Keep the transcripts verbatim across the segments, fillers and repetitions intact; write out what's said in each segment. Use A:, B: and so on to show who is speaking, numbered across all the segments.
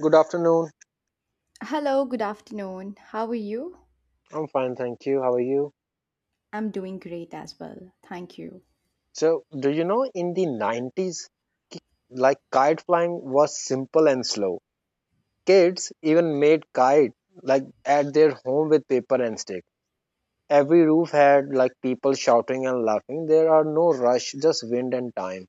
A: Good afternoon.
B: Hello, good afternoon. How are you?
A: I'm fine, thank you. How are you?
B: I'm doing great as well. Thank you.
A: So, do you know in the nineties, ki- like kite flying was simple and slow. Kids even made kite like at their home with paper and stick. Every roof had like people shouting and laughing. There are no rush, just wind and time.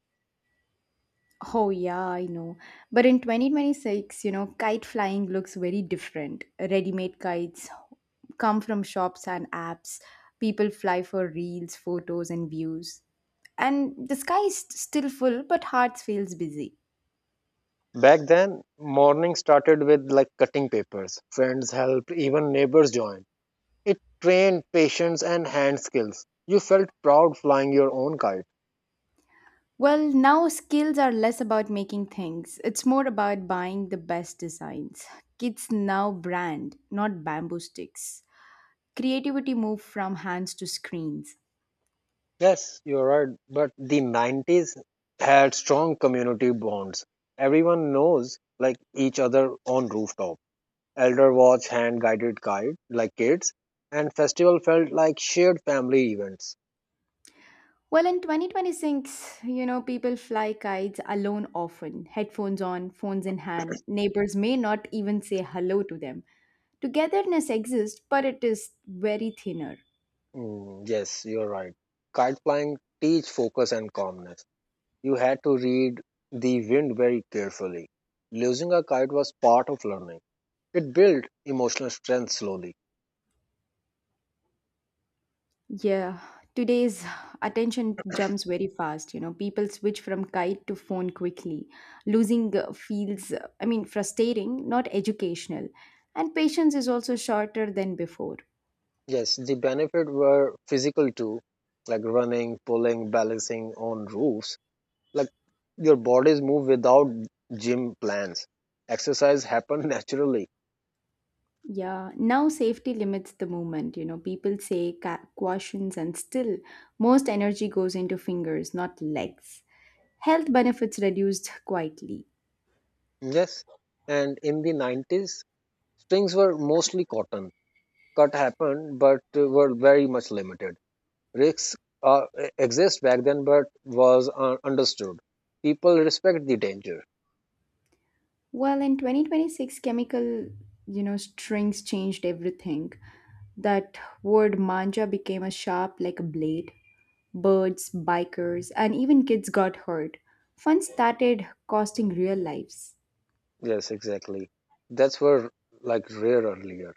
B: Oh, yeah, I know. But in twenty twenty-six, you know, kite flying looks very different. Ready made kites come from shops and apps. People fly for reels, photos, and views. And the sky is still full, but hearts feels busy.
A: Back then, morning started with like cutting papers. Friends helped, even neighbors joined. It trained patience and hand skills. You felt proud flying your own kite.
B: Well, now skills are less about making things. It's more about buying the best designs. Kids now brand, not bamboo sticks. Creativity moved from hands to screens.
A: Yes, you're right. But the nineties had strong community bonds. Everyone knows like each other on rooftop. Elder watch hand guided kite like kids, and festival felt like shared family events.
B: Well, in twenty twenty-six, you know, people fly kites alone often, headphones on, phones in hand. Neighbors may not even say hello to them. Togetherness exists, but it is very thinner.
A: Mm, yes, you're right. Kite flying teach focus and calmness. You had to read the wind very carefully. Losing a kite was part of learning. It built emotional strength slowly.
B: Yeah, today's attention jumps very fast. You know, people switch from kite to phone quickly. Losing uh, feels, uh, I mean, frustrating, not educational. And patience is also shorter than before.
A: Yes, the benefit were physical too, like running, pulling, balancing on roofs. Like your bodies move without gym plans. Exercise happened naturally.
B: Yeah, now safety limits the movement. You know, people say ca- cautions, and still, most energy goes into fingers, not legs. Health benefits reduced quietly.
A: Yes, and in the nineties, strings were mostly cotton. Cut happened, but uh, were very much limited. Risks uh, e- exist back then, but was uh, understood. People respect the danger.
B: Well, in twenty twenty-six, chemical, you know, strings changed everything. That word manja became a sharp like a blade. Birds, bikers, and even kids got hurt. Fun started costing real lives.
A: Yes, exactly. That's were like rare earlier.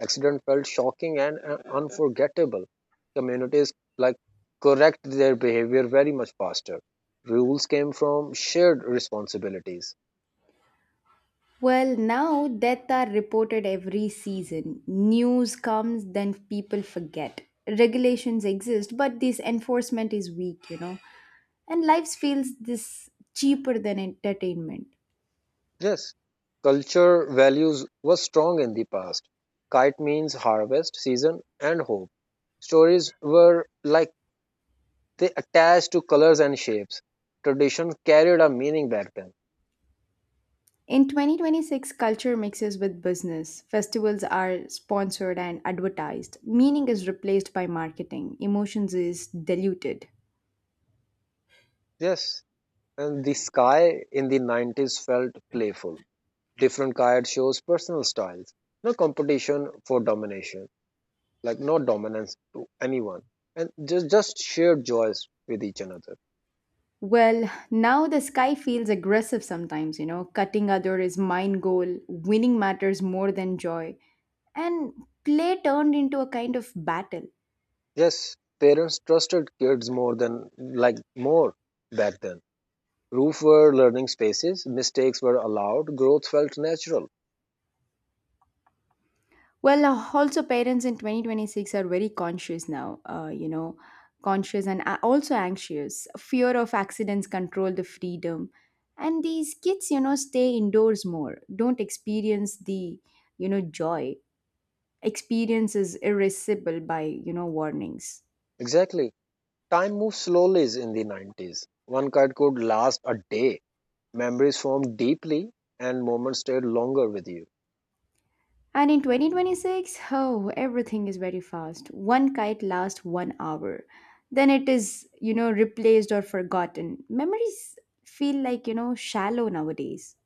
A: Accident felt shocking and uh, unforgettable. Communities like correct their behavior very much faster. Rules came from shared responsibilities.
B: Well, now death are reported every season. News comes, then people forget. Regulations exist, but this enforcement is weak, you know. And life feels this cheaper than entertainment.
A: Yes, culture values was strong in the past. Kite means harvest, season, and hope. Stories were like they attached to colors and shapes. Tradition carried a meaning back then.
B: In twenty twenty-six, culture mixes with business. Festivals are sponsored and advertised. Meaning is replaced by marketing. Emotions is diluted.
A: Yes, and the sky in the nineties felt playful, different card shows personal styles, no competition for domination, like no dominance to anyone, and just just shared joys with each another.
B: Well, now the sky feels aggressive sometimes, you know. Cutting other is mine goal. Winning matters more than joy. And play turned into a kind of battle.
A: Yes, parents trusted kids more than, like, more back then. Roof were learning spaces, mistakes were allowed, growth felt natural.
B: Well, uh, also parents in twenty twenty-six are very conscious now, uh, you know, conscious and a- also anxious. Fear of accidents control the freedom. And these kids, you know, stay indoors more, don't experience the, you know, joy. Experience is irascible by, you know, warnings.
A: Exactly. Time moved slowly in the nineties. One card could last a day, memories formed deeply, and moments stayed longer with you.
B: And in twenty twenty six, oh, everything is very fast. One kite lasts one hour. Then it is, you know, replaced or forgotten. Memories feel like, you know, shallow nowadays.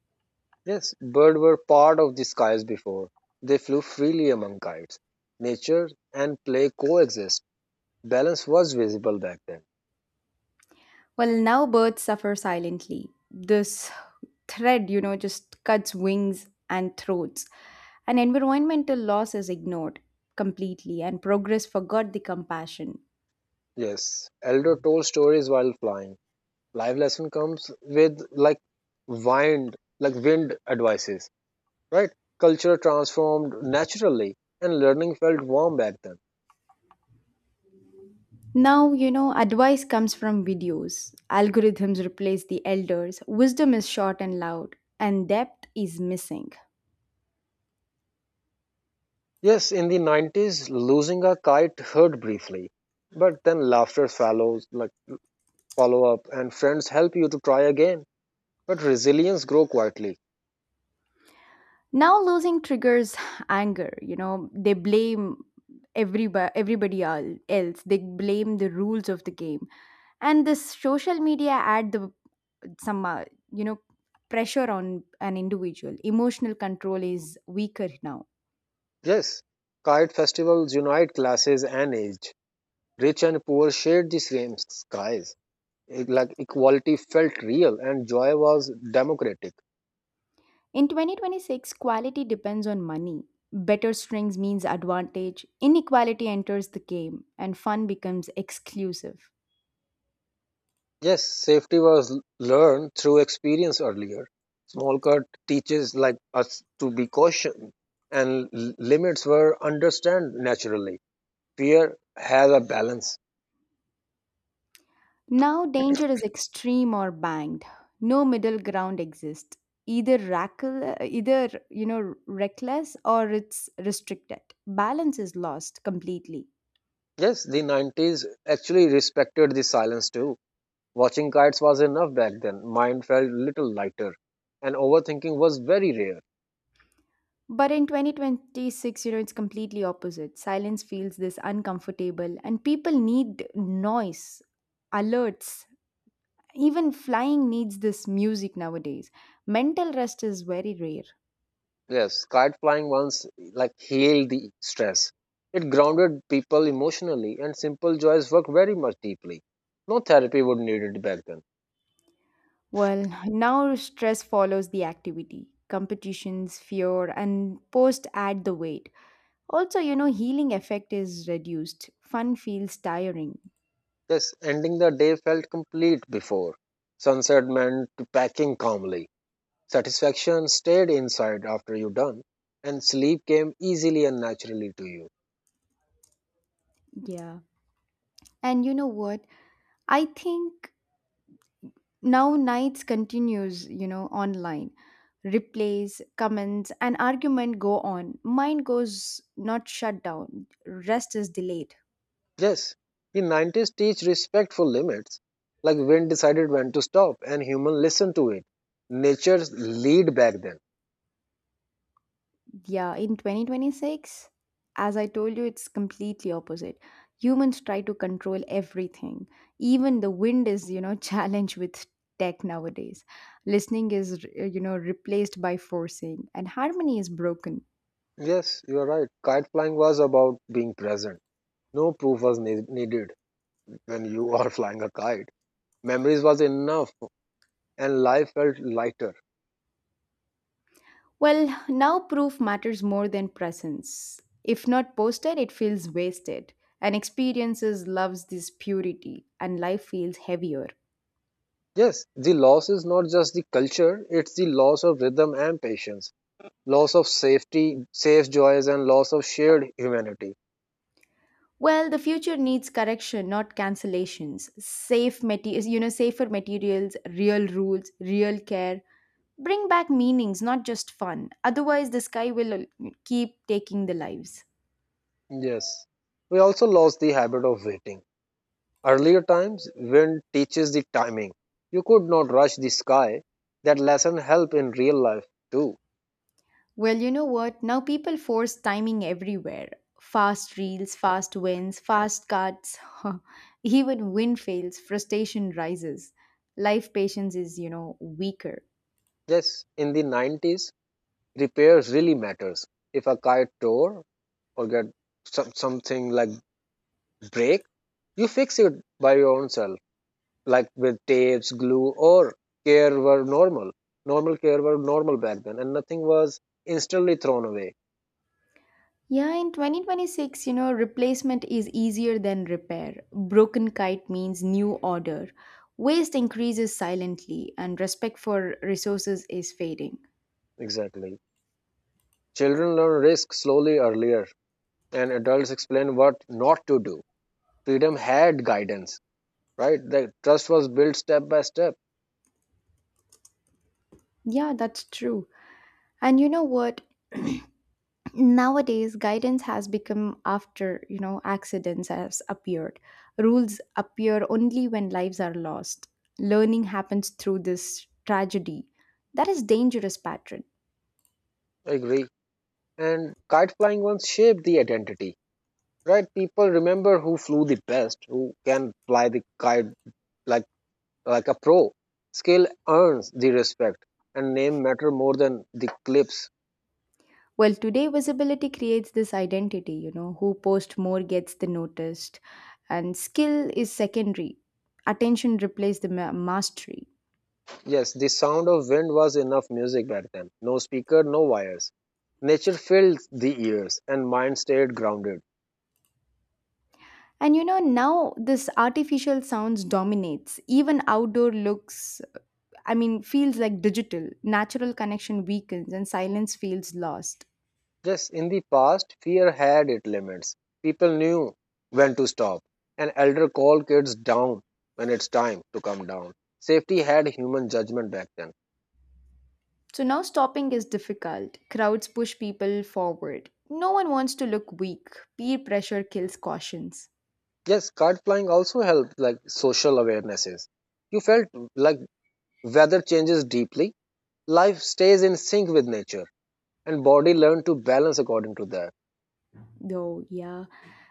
A: Yes, birds were part of the skies before. They flew freely among kites. Nature and play coexist. Balance was visible back then.
B: Well, now birds suffer silently. This thread, you know, just cuts wings and throats. And environmental loss is ignored completely, and progress forgot the compassion.
A: Yes, elder told stories while flying. Live lesson comes with like wind, like wind advices, right? Culture transformed naturally and learning felt warm back then.
B: Now, you know, advice comes from videos. Algorithms replace the elders. Wisdom is short and loud, and depth is missing.
A: Yes, in the nineties, losing a kite hurt briefly, but then laughter follows, like follow up, and friends help you to try again. But resilience grow quietly.
B: Now, losing triggers anger. You know, they blame everybody, everybody el- else. They blame the rules of the game, and this social media add the some uh, you know pressure on an individual. Emotional control is weaker now.
A: Yes, kite festivals unite classes and age. Rich and poor shared the same skies. It- Like equality felt real and joy was democratic.
B: In twenty twenty-six, quality depends on money. Better strings means advantage, inequality enters the game, and fun becomes exclusive.
A: Yes, safety was l- learned through experience earlier. Small cut teaches like us to be cautious and l- limits were understand naturally. Fear has a balance.
B: Now, danger is extreme or banged. No middle ground exists. Either rackle, either you know reckless or it's restricted. Balance is lost completely.
A: Yes, the nineties actually respected the silence too. Watching kites was enough back then. Mind felt little lighter, and overthinking was very rare.
B: But in twenty twenty-six, you know, it's completely opposite. Silence feels this uncomfortable, and people need noise, alerts. Even flying needs this music nowadays. Mental rest is very rare.
A: Yes, kite flying once like healed the stress. It grounded people emotionally, and simple joys work very much deeply. No therapy would need it back then.
B: Well, now stress follows the activity. Competitions, fear, and post add the weight. Also, you know, healing effect is reduced. Fun feels tiring.
A: Yes, ending the day felt complete before. Sunset meant packing calmly. Satisfaction stayed inside after you done, and sleep came easily and naturally to you.
B: Yeah. And you know what? I think now nights continues, you know, online. Replays, comments, and argument go on. Mind goes not shut down. Rest is delayed.
A: Yes, the nineties teach respectful limits. Like wind decided when to stop and human listened to it. Nature's lead back then.
B: Yeah, in twenty twenty-six, as I told you, it's completely opposite. Humans try to control everything. Even the wind is, you know, challenged with tech nowadays. Listening is, uh, you know, replaced by forcing, and harmony is broken.
A: Yes, you are right. Kite flying was about being present. No proof was ne- needed when you are flying a kite. Memories was enough and life felt lighter.
B: Well, now proof matters more than presence. If not posted, it feels wasted. And experiences loves this purity, and life feels heavier.
A: Yes, the loss is not just the culture, it's the loss of rhythm and patience, loss of safety, safe joys, and loss of shared humanity.
B: Well, the future needs correction, not cancellations. Safe materials, you know, safer materials, real rules, real care. Bring back meanings, not just fun. Otherwise, the sky will uh, keep taking the lives.
A: Yes, we also lost the habit of waiting. Earlier times wind teaches the timing. You could not rush the sky. That lesson help in real life too.
B: Well, you know what? Now people force timing everywhere. Fast reels, fast wins, fast cuts. Even win fails, frustration rises. Life patience is, you know, weaker.
A: Yes, in the nineties, repairs really matters. If a kite tore or get some, something like break, you fix it by your own self, like with tapes, glue, or care were normal. Normal care were normal back then, and nothing was instantly thrown away.
B: Yeah, in twenty twenty-six, you know, replacement is easier than repair. Broken kite means new order. Waste increases silently, and respect for resources is fading.
A: Exactly. Children learn risk slowly earlier, and adults explain what not to do, freedom had guidance, right? The trust was built step by step.
B: Yeah, that's true. And you know what? Nowadays, guidance has become after, you know, accidents has appeared. Rules appear only when lives are lost. Learning happens through this tragedy. That is dangerous pattern.
A: I agree. And kite flying once shaped the identity, right? People remember who flew the best, who can fly the kite like like a pro. Skill earns the respect, and name matter more than the clips.
B: Well, today visibility creates this identity, you know, who posts more gets the noticed, and skill is secondary. Attention replaces the ma- mastery.
A: Yes, the sound of wind was enough music back then. No speaker, no wires. Nature filled the ears, and mind stayed grounded.
B: And you know, now this artificial sounds dominates. Even outdoor looks, I mean, feels like digital. Natural connection weakens and silence feels lost.
A: Yes, in the past, fear had its limits. People knew when to stop. An elder called kids down when it's time to come down. Safety had human judgment back then.
B: So now stopping is difficult. Crowds push people forward. No one wants to look weak. Peer pressure kills cautions.
A: Yes, kite flying also helped like social awarenesses. You felt like weather changes deeply, life stays in sync with nature, and body learned to balance according to that.
B: Though, yeah.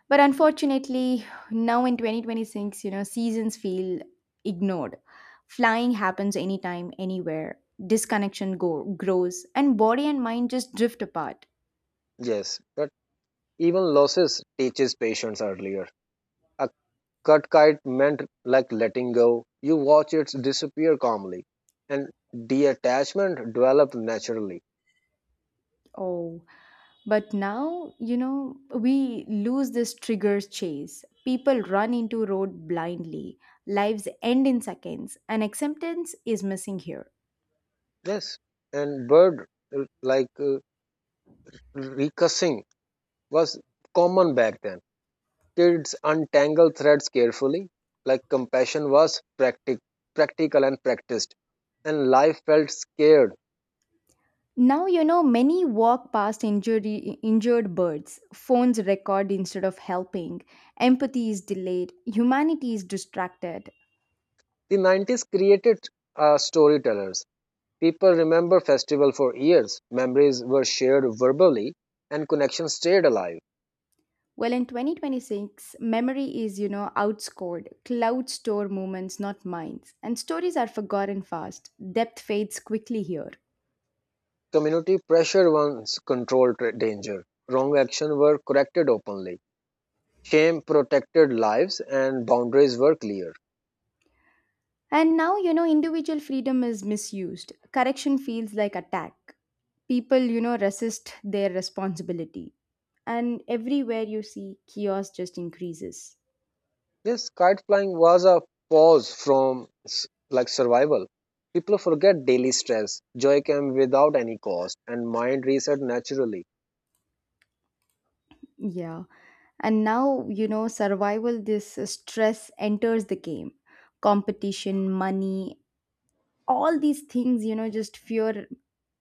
B: But unfortunately, now in twenty twenty-six, you know, seasons feel ignored. Flying happens anytime, anywhere. Disconnection go- grows, and body and mind just drift apart.
A: Yes, but even losses teaches patience earlier. A Cut-kite meant like letting go. You watch it disappear calmly, and detachment developed naturally.
B: Oh, but now, you know, we lose this triggers chase. People run into road blindly. Lives end in seconds, and acceptance is missing here.
A: Yes, and bird uh, like uh, recussing was common back then. Kids untangle threads carefully, like compassion was practic- practical and practiced, and life felt scared.
B: Now, you know, many walk past injury, injured birds. Phones record instead of helping. Empathy is delayed. Humanity is distracted.
A: The nineties created uh, storytellers. People remember festival for years. Memories were shared verbally, and connection stayed alive.
B: Well, in twenty twenty-six, memory is, you know, outscored. Clouds store moments, not minds. And stories are forgotten fast. Depth fades quickly here.
A: Community pressure once controlled tra- danger. Wrong actions were corrected openly. Shame protected lives and boundaries were clear.
B: And now, you know, individual freedom is misused. Correction feels like attack. People, you know, resist their responsibility. And everywhere you see, chaos just increases.
A: This kite flying was a pause from s- like survival. People forget daily stress. Joy came without any cost and mind reset naturally.
B: Yeah. And now, you know, survival, this stress enters the game. Competition, money, all these things, you know, just fear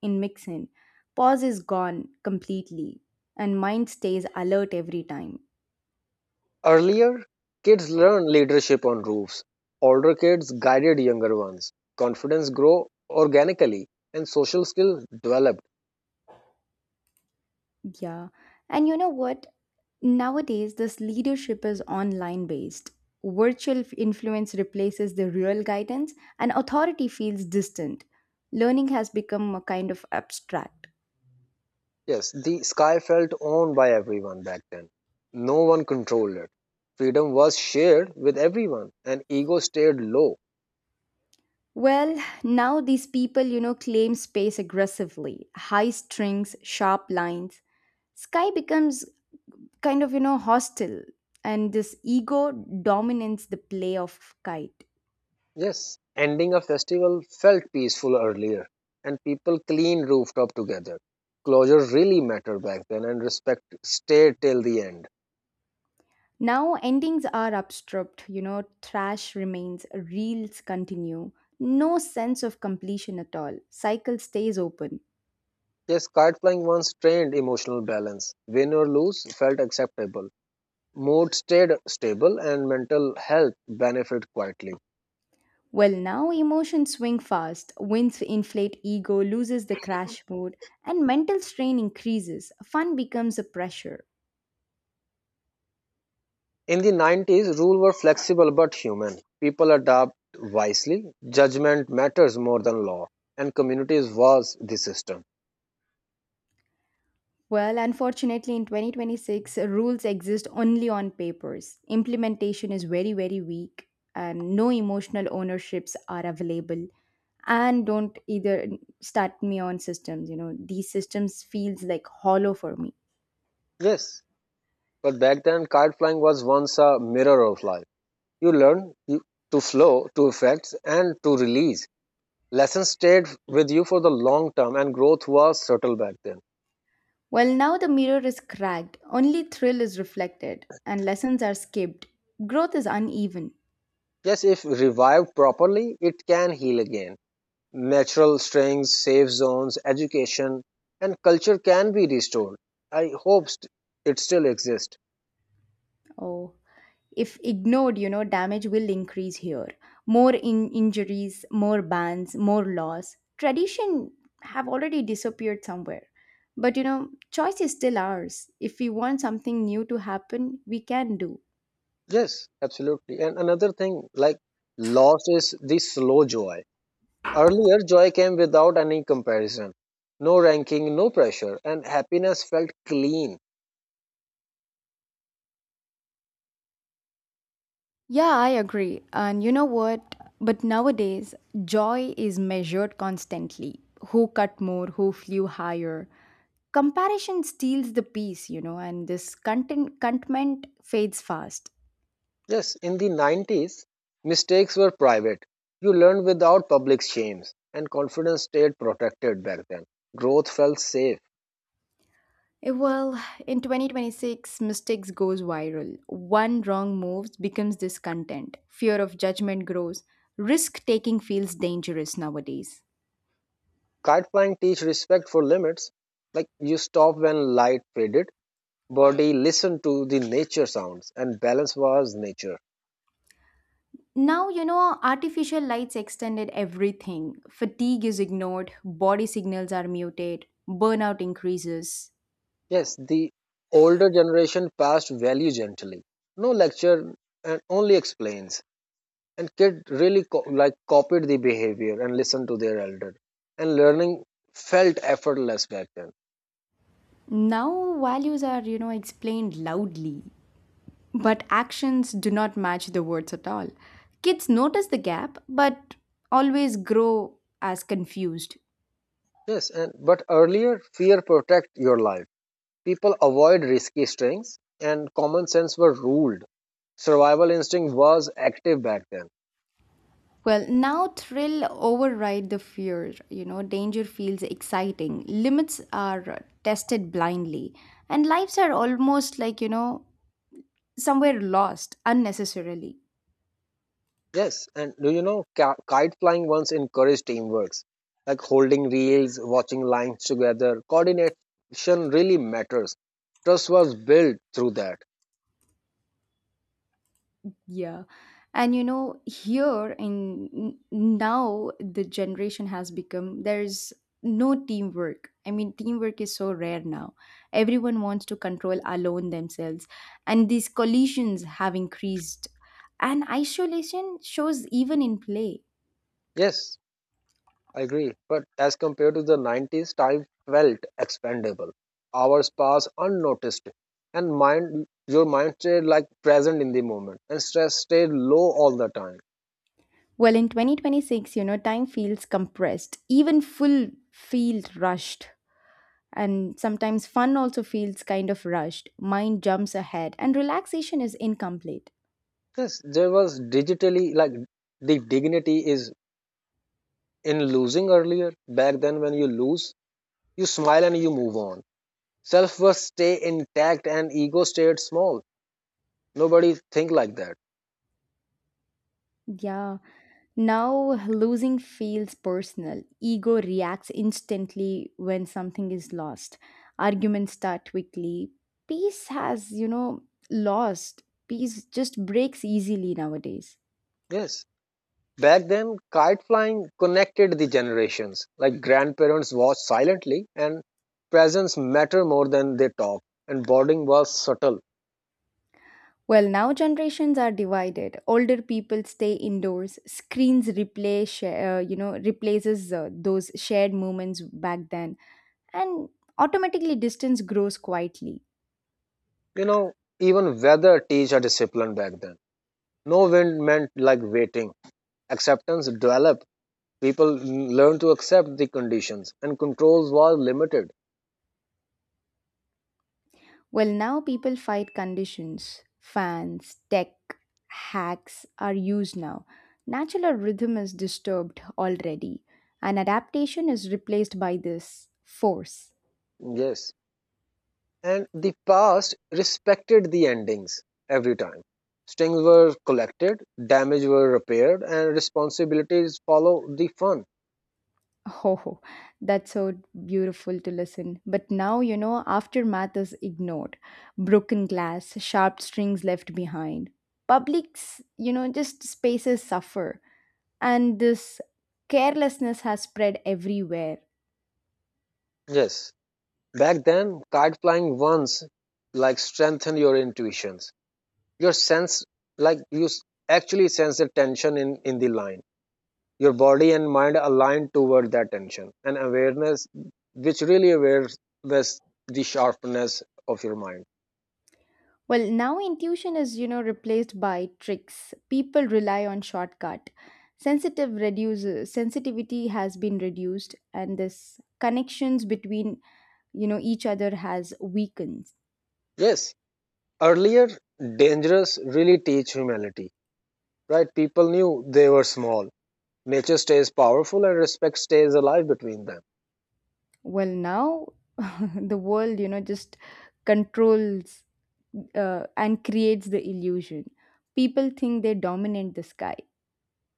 B: in mix in. Pause is gone completely. And mind stays alert every time.
A: Earlier, kids learned leadership on roofs. Older kids guided younger ones. Confidence grow organically and social skills develop.
B: Yeah. And you know what? Nowadays, this leadership is online based. Virtual f- influence replaces the real guidance, and authority feels distant. Learning has become a kind of abstract.
A: Yes, the sky felt owned by everyone back then. No one controlled it. Freedom was shared with everyone, and ego stayed low.
B: Well, now these people, you know, claim space aggressively high strings, sharp lines. Sky becomes kind of, you know, hostile, and this ego dominates the play of kite.
A: Yes, ending a festival felt peaceful earlier, and people cleaned rooftop together. Closure really mattered back then, and respect stayed till the end.
B: Now endings are abstract, you know, trash remains, reels continue, no sense of completion at all, cycle stays open.
A: Yes, kite flying once trained emotional balance. Win or lose felt acceptable. Mood stayed stable, and mental health benefited quietly.
B: Well, now emotions swing fast, wins inflate ego, loses the crash mode, and mental strain increases, fun becomes a pressure.
A: In the nineties, rules were flexible but human. People adapt wisely. Judgment matters more than law, and communities was the system.
B: Well, unfortunately, in twenty twenty-six, rules exist only on papers. Implementation is very, very weak, and no emotional ownerships are available. And don't either start me on systems. You know, these systems feels like hollow for me.
A: Yes, but back then, kite flying was once a mirror of life. You learn you- to flow, to effects, and to release. Lessons stayed with you for the long term, and growth was subtle back then.
B: Well, now the mirror is cracked. Only thrill is reflected, and lessons are skipped. Growth is uneven.
A: Yes, if revived properly, it can heal again. Natural strengths, safe zones, education, and culture can be restored. I hope st- it still exists.
B: Oh. If ignored, you know, damage will increase here. More in- injuries, more bans, more laws. Tradition have already disappeared somewhere. But you know, choice is still ours. If we want something new to happen, we can do.
A: Yes, absolutely. And another thing, like loss is the slow joy. Earlier, joy came without any comparison, no ranking, no pressure, and happiness felt clean.
B: Yeah, I agree. And you know what? But nowadays, joy is measured constantly. Who cut more, who flew higher. Comparison steals the peace, you know, and this content contentment fades fast.
A: Yes, in the nineties, mistakes were private. You learned without public shames, and confidence stayed protected back then. Growth felt safe.
B: Eh, Well, in twenty twenty-six, mistakes goes viral. One wrong move becomes this content. Fear of judgment grows. Risk taking feels dangerous nowadays.
A: Kite flying teach respect for limits, like you stop when light faded, body listen to the nature sounds and balance was nature.
B: Now, you know, artificial lights extended everything. Fatigue is ignored, body signals are muted, burnout increases.
A: Yes, the older generation passed value gently, no lecture and only explains, and kid really co- like copied the behavior and listened to their elder, and learning felt effortless back then.
B: Now, values are, you know, explained loudly, but actions do not match the words at all. Kids notice the gap, but always grow as confused.
A: Yes, and but earlier, fear protect your life, people avoid risky strings, and common sense were ruled. Survival instinct was active back then.
B: Well, now thrill override the fear. You know, danger feels exciting. Limits are tested blindly, and lives are almost like you know somewhere lost unnecessarily.
A: Yes, and do you know ki- kite flying once encouraged teamwork, like holding reels, watching lines together. Coordination really matters. Trust was built through that.
B: Yeah. And you know, here in n- now the generation has become there's no teamwork. I mean, teamwork is so rare now. Everyone wants to control alone themselves, and these collisions have increased. And isolation shows even in play.
A: Yes, I agree. But as compared to the nineties, time felt expendable. Hours pass unnoticed, and mind your mind stayed like present in the moment, and stress stayed low all the time.
B: Well, in twenty twenty-six, you know, time feels compressed, even full feels rushed. And sometimes fun also feels kind of rushed. Mind jumps ahead, and relaxation is incomplete.
A: Yes, there was digitally like the dignity is in losing earlier. Back then, when you lose, you smile and you move on. Self worth stay intact and ego stayed small. Nobody think like that.
B: Yeah, now losing feels personal. Ego reacts instantly when something is lost. Arguments start quickly. Peace has, you know, lost. Peace just breaks easily nowadays.
A: Yes. Back then, kite flying connected the generations. Like grandparents watched silently, and presence matter more than they talk. And boarding was subtle.
B: Well, now generations are divided. Older people stay indoors. Screens replace, sha- uh, you know, replaces uh, those shared moments back then, and automatically distance grows quietly.
A: You know, even weather teach a discipline back then. No wind meant like waiting. Acceptance developed, people learn to accept the conditions and controls were limited.
B: Well, now people fight conditions. Fans, tech, hacks are used now. Natural rhythm is disturbed already, and adaptation is replaced by this force.
A: Yes. And the past respected the endings every time. Strings were collected, damage were repaired, and responsibilities follow the fun.
B: Oh, that's so beautiful to listen. But now, you know, aftermath is ignored. Broken glass, sharp strings left behind. Publics, you know, just spaces suffer. And this carelessness has spread everywhere.
A: Yes. Back then, card flying once like strengthened your intuitions. Your sense, like you s- actually sense the tension in, in the line. Your body and mind aligned toward that tension and awareness, which really awares was the sharpness of your mind.
B: Well, now intuition is, you know, replaced by tricks. People rely on shortcut. Sensitive reduces sensitivity has been reduced and this connections between, you know, each other has weakened.
A: Yes. Earlier, dangerous really teach humility, right? People knew they were small. Nature stays powerful and respect stays alive between them.
B: Well, now the world, you know, just controls uh, and creates the illusion. People think they dominate the sky.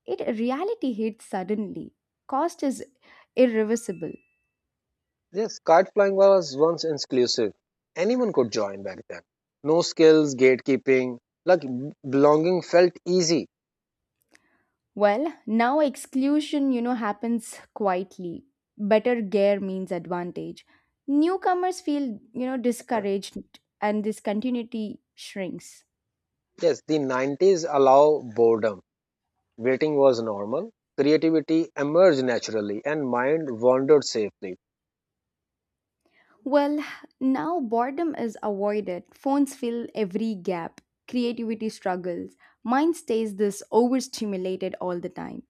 B: It reality hits suddenly. Cost is irreversible.
A: Yes, kite flying was once exclusive. Anyone could join back then. No skills, gatekeeping, like b- belonging felt easy.
B: Well, now exclusion, you know, happens quietly. Better gear means advantage. Newcomers feel, you know, discouraged and discontinuity shrinks.
A: Yes, the nineties allow boredom. Waiting was normal. Creativity emerged naturally and mind wandered safely.
B: Well, now boredom is avoided. Phones fill every gap. Creativity struggles. Mind stays this overstimulated all the time.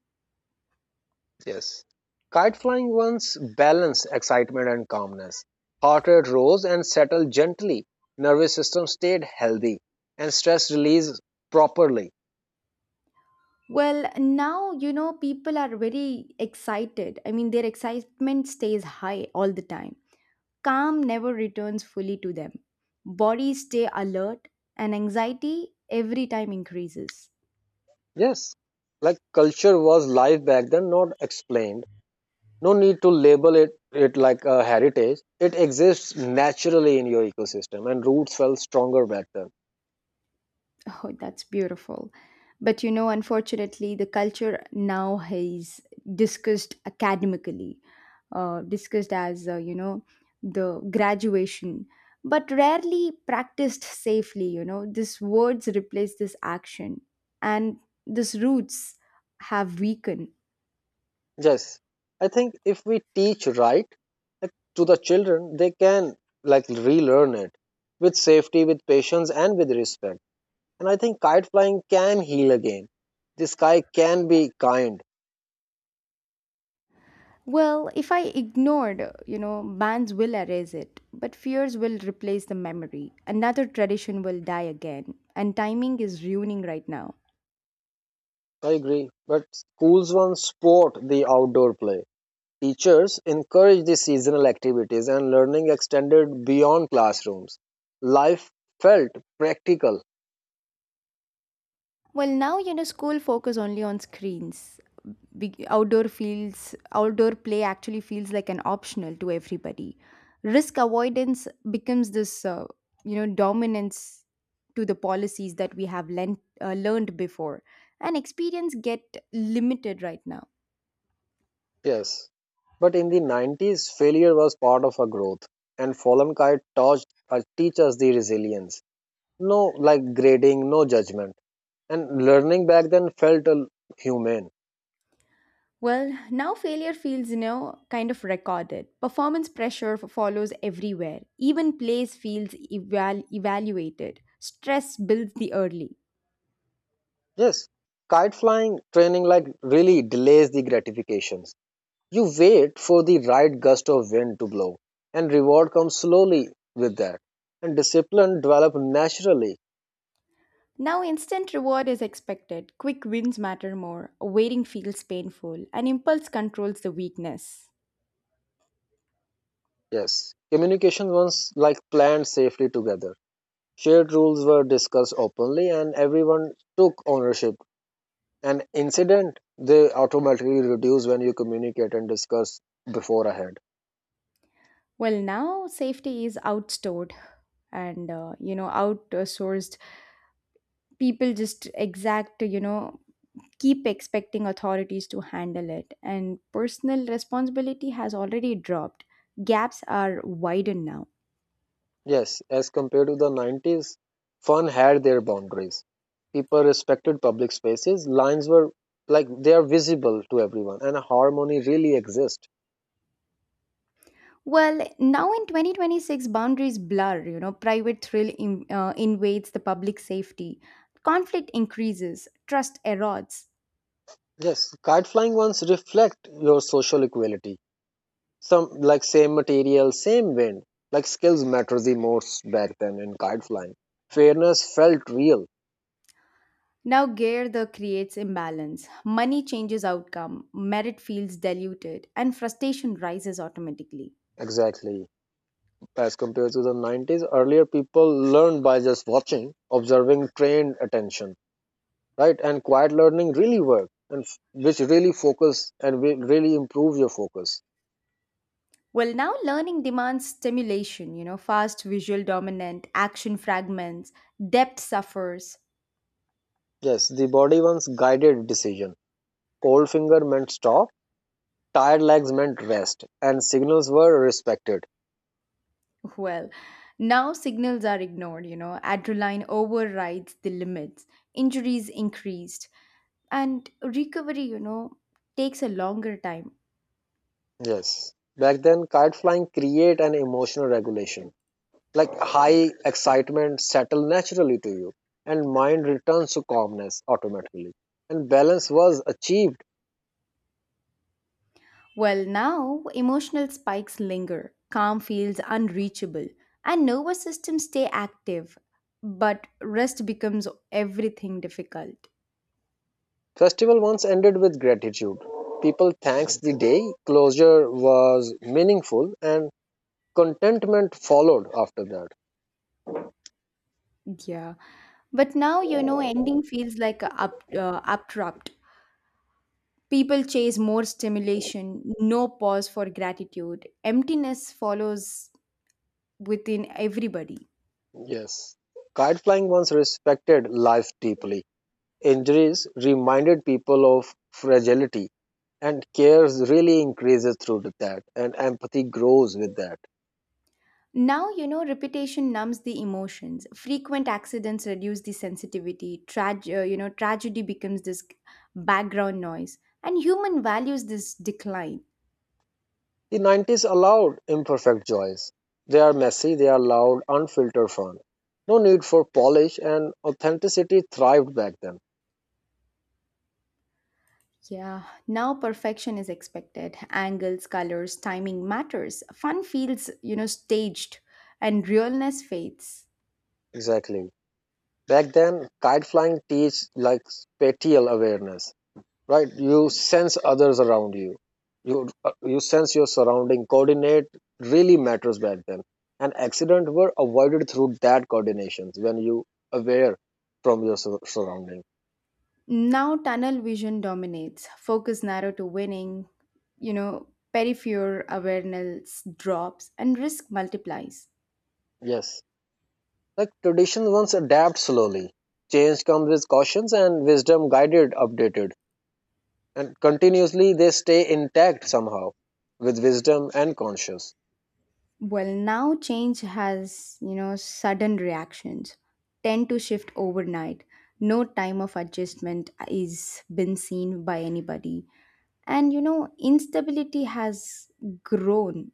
A: Yes. Kite flying once balance, excitement, and calmness. Heart rate rose and settled gently. Nervous system stayed healthy and stress released properly.
B: Well, now, you know, people are very excited. I mean, their excitement stays high all the time. Calm never returns fully to them. Bodies stay alert, and anxiety every time increases.
A: Yes. Like culture was live back then, not explained. No need to label it, it like a heritage. It exists naturally in your ecosystem and roots felt stronger back then.
B: Oh, that's beautiful. But you know, unfortunately, the culture now is discussed academically, uh, discussed as, uh, you know, the graduation, but rarely practiced safely. You know, these words replace this action, and these roots have weakened.
A: Yes, I think if we teach right, like, to the children, they can like relearn it with safety, with patience, and with respect. And I think kite flying can heal again. The sky can be kind.
B: Well, if I ignored, you know, bans will erase it, but fears will replace the memory. Another tradition will die again, and timing is ruining right now.
A: I agree. But schools once support the outdoor play. Teachers encourage the seasonal activities and learning extended beyond classrooms. Life felt practical.
B: Well, now, you know, school focus only on screens. Be- outdoor fields, outdoor play actually feels like an optional to everybody. Risk avoidance becomes this, uh, you know, dominance to the policies that we have lent, uh, learned before, and experience get limited right now.
A: Yes, but in the nineties, failure was part of our growth, and Fallen Kite taught uh, teach us the resilience. No like grading, no judgment, and learning back then felt uh, humane.
B: Well, now failure feels, you know, kind of recorded. Performance pressure f- follows everywhere. Even plays feels eval- evaluated. Stress builds the early.
A: Yes, kite flying training like really delays the gratifications. You wait for the right gust of wind to blow, and reward comes slowly with that. And discipline develop naturally.
B: Now instant reward is expected. Quick wins matter more. Waiting feels painful. And impulse controls the weakness.
A: Yes, communication once like planned safely together. Shared rules were discussed openly and everyone took ownership. An incident they automatically reduce when you communicate and discuss before ahead.
B: Well, now safety is outstored and uh, you know outsourced. People just exact, you know keep expecting authorities to handle it, and personal responsibility has already dropped. Gaps are widened now.
A: Yes, as compared to the nineties, fun had their boundaries. People respected public spaces, lines were like they are visible to everyone, and a harmony really exists.
B: Well, now in twenty twenty-six, boundaries blur, you know, private thrill in, uh, invades the public safety, conflict increases, trust erodes.
A: Yes, kite flying ones reflect your social equality. Some like same material, same wind. Like skills matters the most back then in kite flying. Fairness felt real.
B: Now, gear the creates imbalance. Money changes outcome, merit feels diluted, and frustration rises automatically.
A: Exactly. As compared to the nineties, earlier people learned by just watching, observing, trained attention, right? And quiet learning really worked, and f- which really focus and will really improve your focus.
B: Well, now learning demands stimulation, you know, fast visual dominant, action fragments, depth suffers.
A: Yes, the body wants guided decision. Cold finger meant stop, tired legs meant rest, and signals were respected.
B: Well, now signals are ignored, you know, adrenaline overrides the limits, injuries increased, and recovery, you know, takes a longer time.
A: Yes. Back then, kite flying create an emotional regulation. Like high excitement settle naturally to you, and mind returns to calmness automatically. And balance was achieved.
B: Well, now emotional spikes linger, calm feels unreachable, and nervous systems stay active, but rest becomes everything difficult.
A: Festival once ended with gratitude. People thanks the day. Closure was meaningful, and contentment followed after that.
B: Yeah. But now, you know, ending feels like a up, uh, abrupt. People chase more stimulation, no pause for gratitude. Emptiness follows within everybody.
A: Yes. Kite flying once respected life deeply. Injuries reminded people of fragility, and cares really increases through th- that, and empathy grows with that.
B: Now, you know, repetition numbs the emotions. Frequent accidents reduce the sensitivity. Trag- uh, you know, tragedy becomes this background noise. And human values this decline.
A: The nineties allowed imperfect joys. They are messy, they are loud, unfiltered fun. No need for polish, and authenticity thrived back then.
B: Yeah, now perfection is expected. Angles, colors, timing matters. Fun feels, you know, staged and realness fades.
A: Exactly. Back then, kite flying teach like spatial awareness. Right, you sense others around you, you uh, you sense your surrounding coordinate really matters back then, and accidents were avoided through that coordinations when you aware from your sur- surrounding.
B: Now tunnel vision dominates. Focus narrow to winning, you know, peripheral awareness drops and risk multiplies.
A: Yes, like traditions once adapt slowly, change comes with cautions and wisdom guided updated, and continuously they stay intact somehow with wisdom and conscious.
B: Well, now change has, you know, sudden reactions tend to shift overnight. No time of adjustment is been seen by anybody, and you know instability has grown.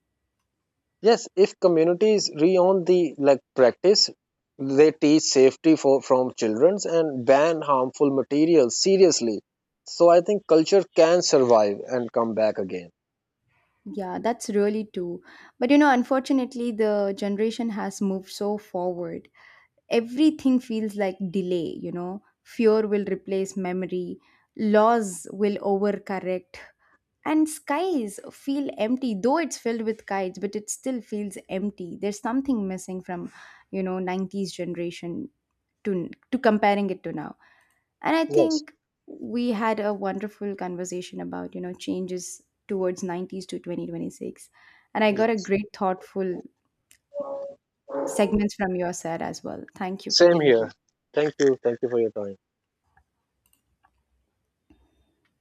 A: Yes, if communities reown the like practice, they teach safety for from childrens and ban harmful materials seriously. So I think culture can survive and come back again.
B: Yeah, that's really true, but you know unfortunately, the generation has moved so forward. Everything feels like delay. you know fear will replace memory, laws will overcorrect, and skies feel empty. Though it's filled with kites, but it still feels empty. There's something missing from, you know nineties generation to to comparing it to now. And I
A: Yes.
B: think we had a wonderful conversation about, you know, changes towards nineties to twenty twenty-six. And I got a
A: Yeah.
B: great thoughtful segments from your side as well. Thank you for
A: Same
B: being
A: here.
B: here.
A: Thank you. Thank you for your time.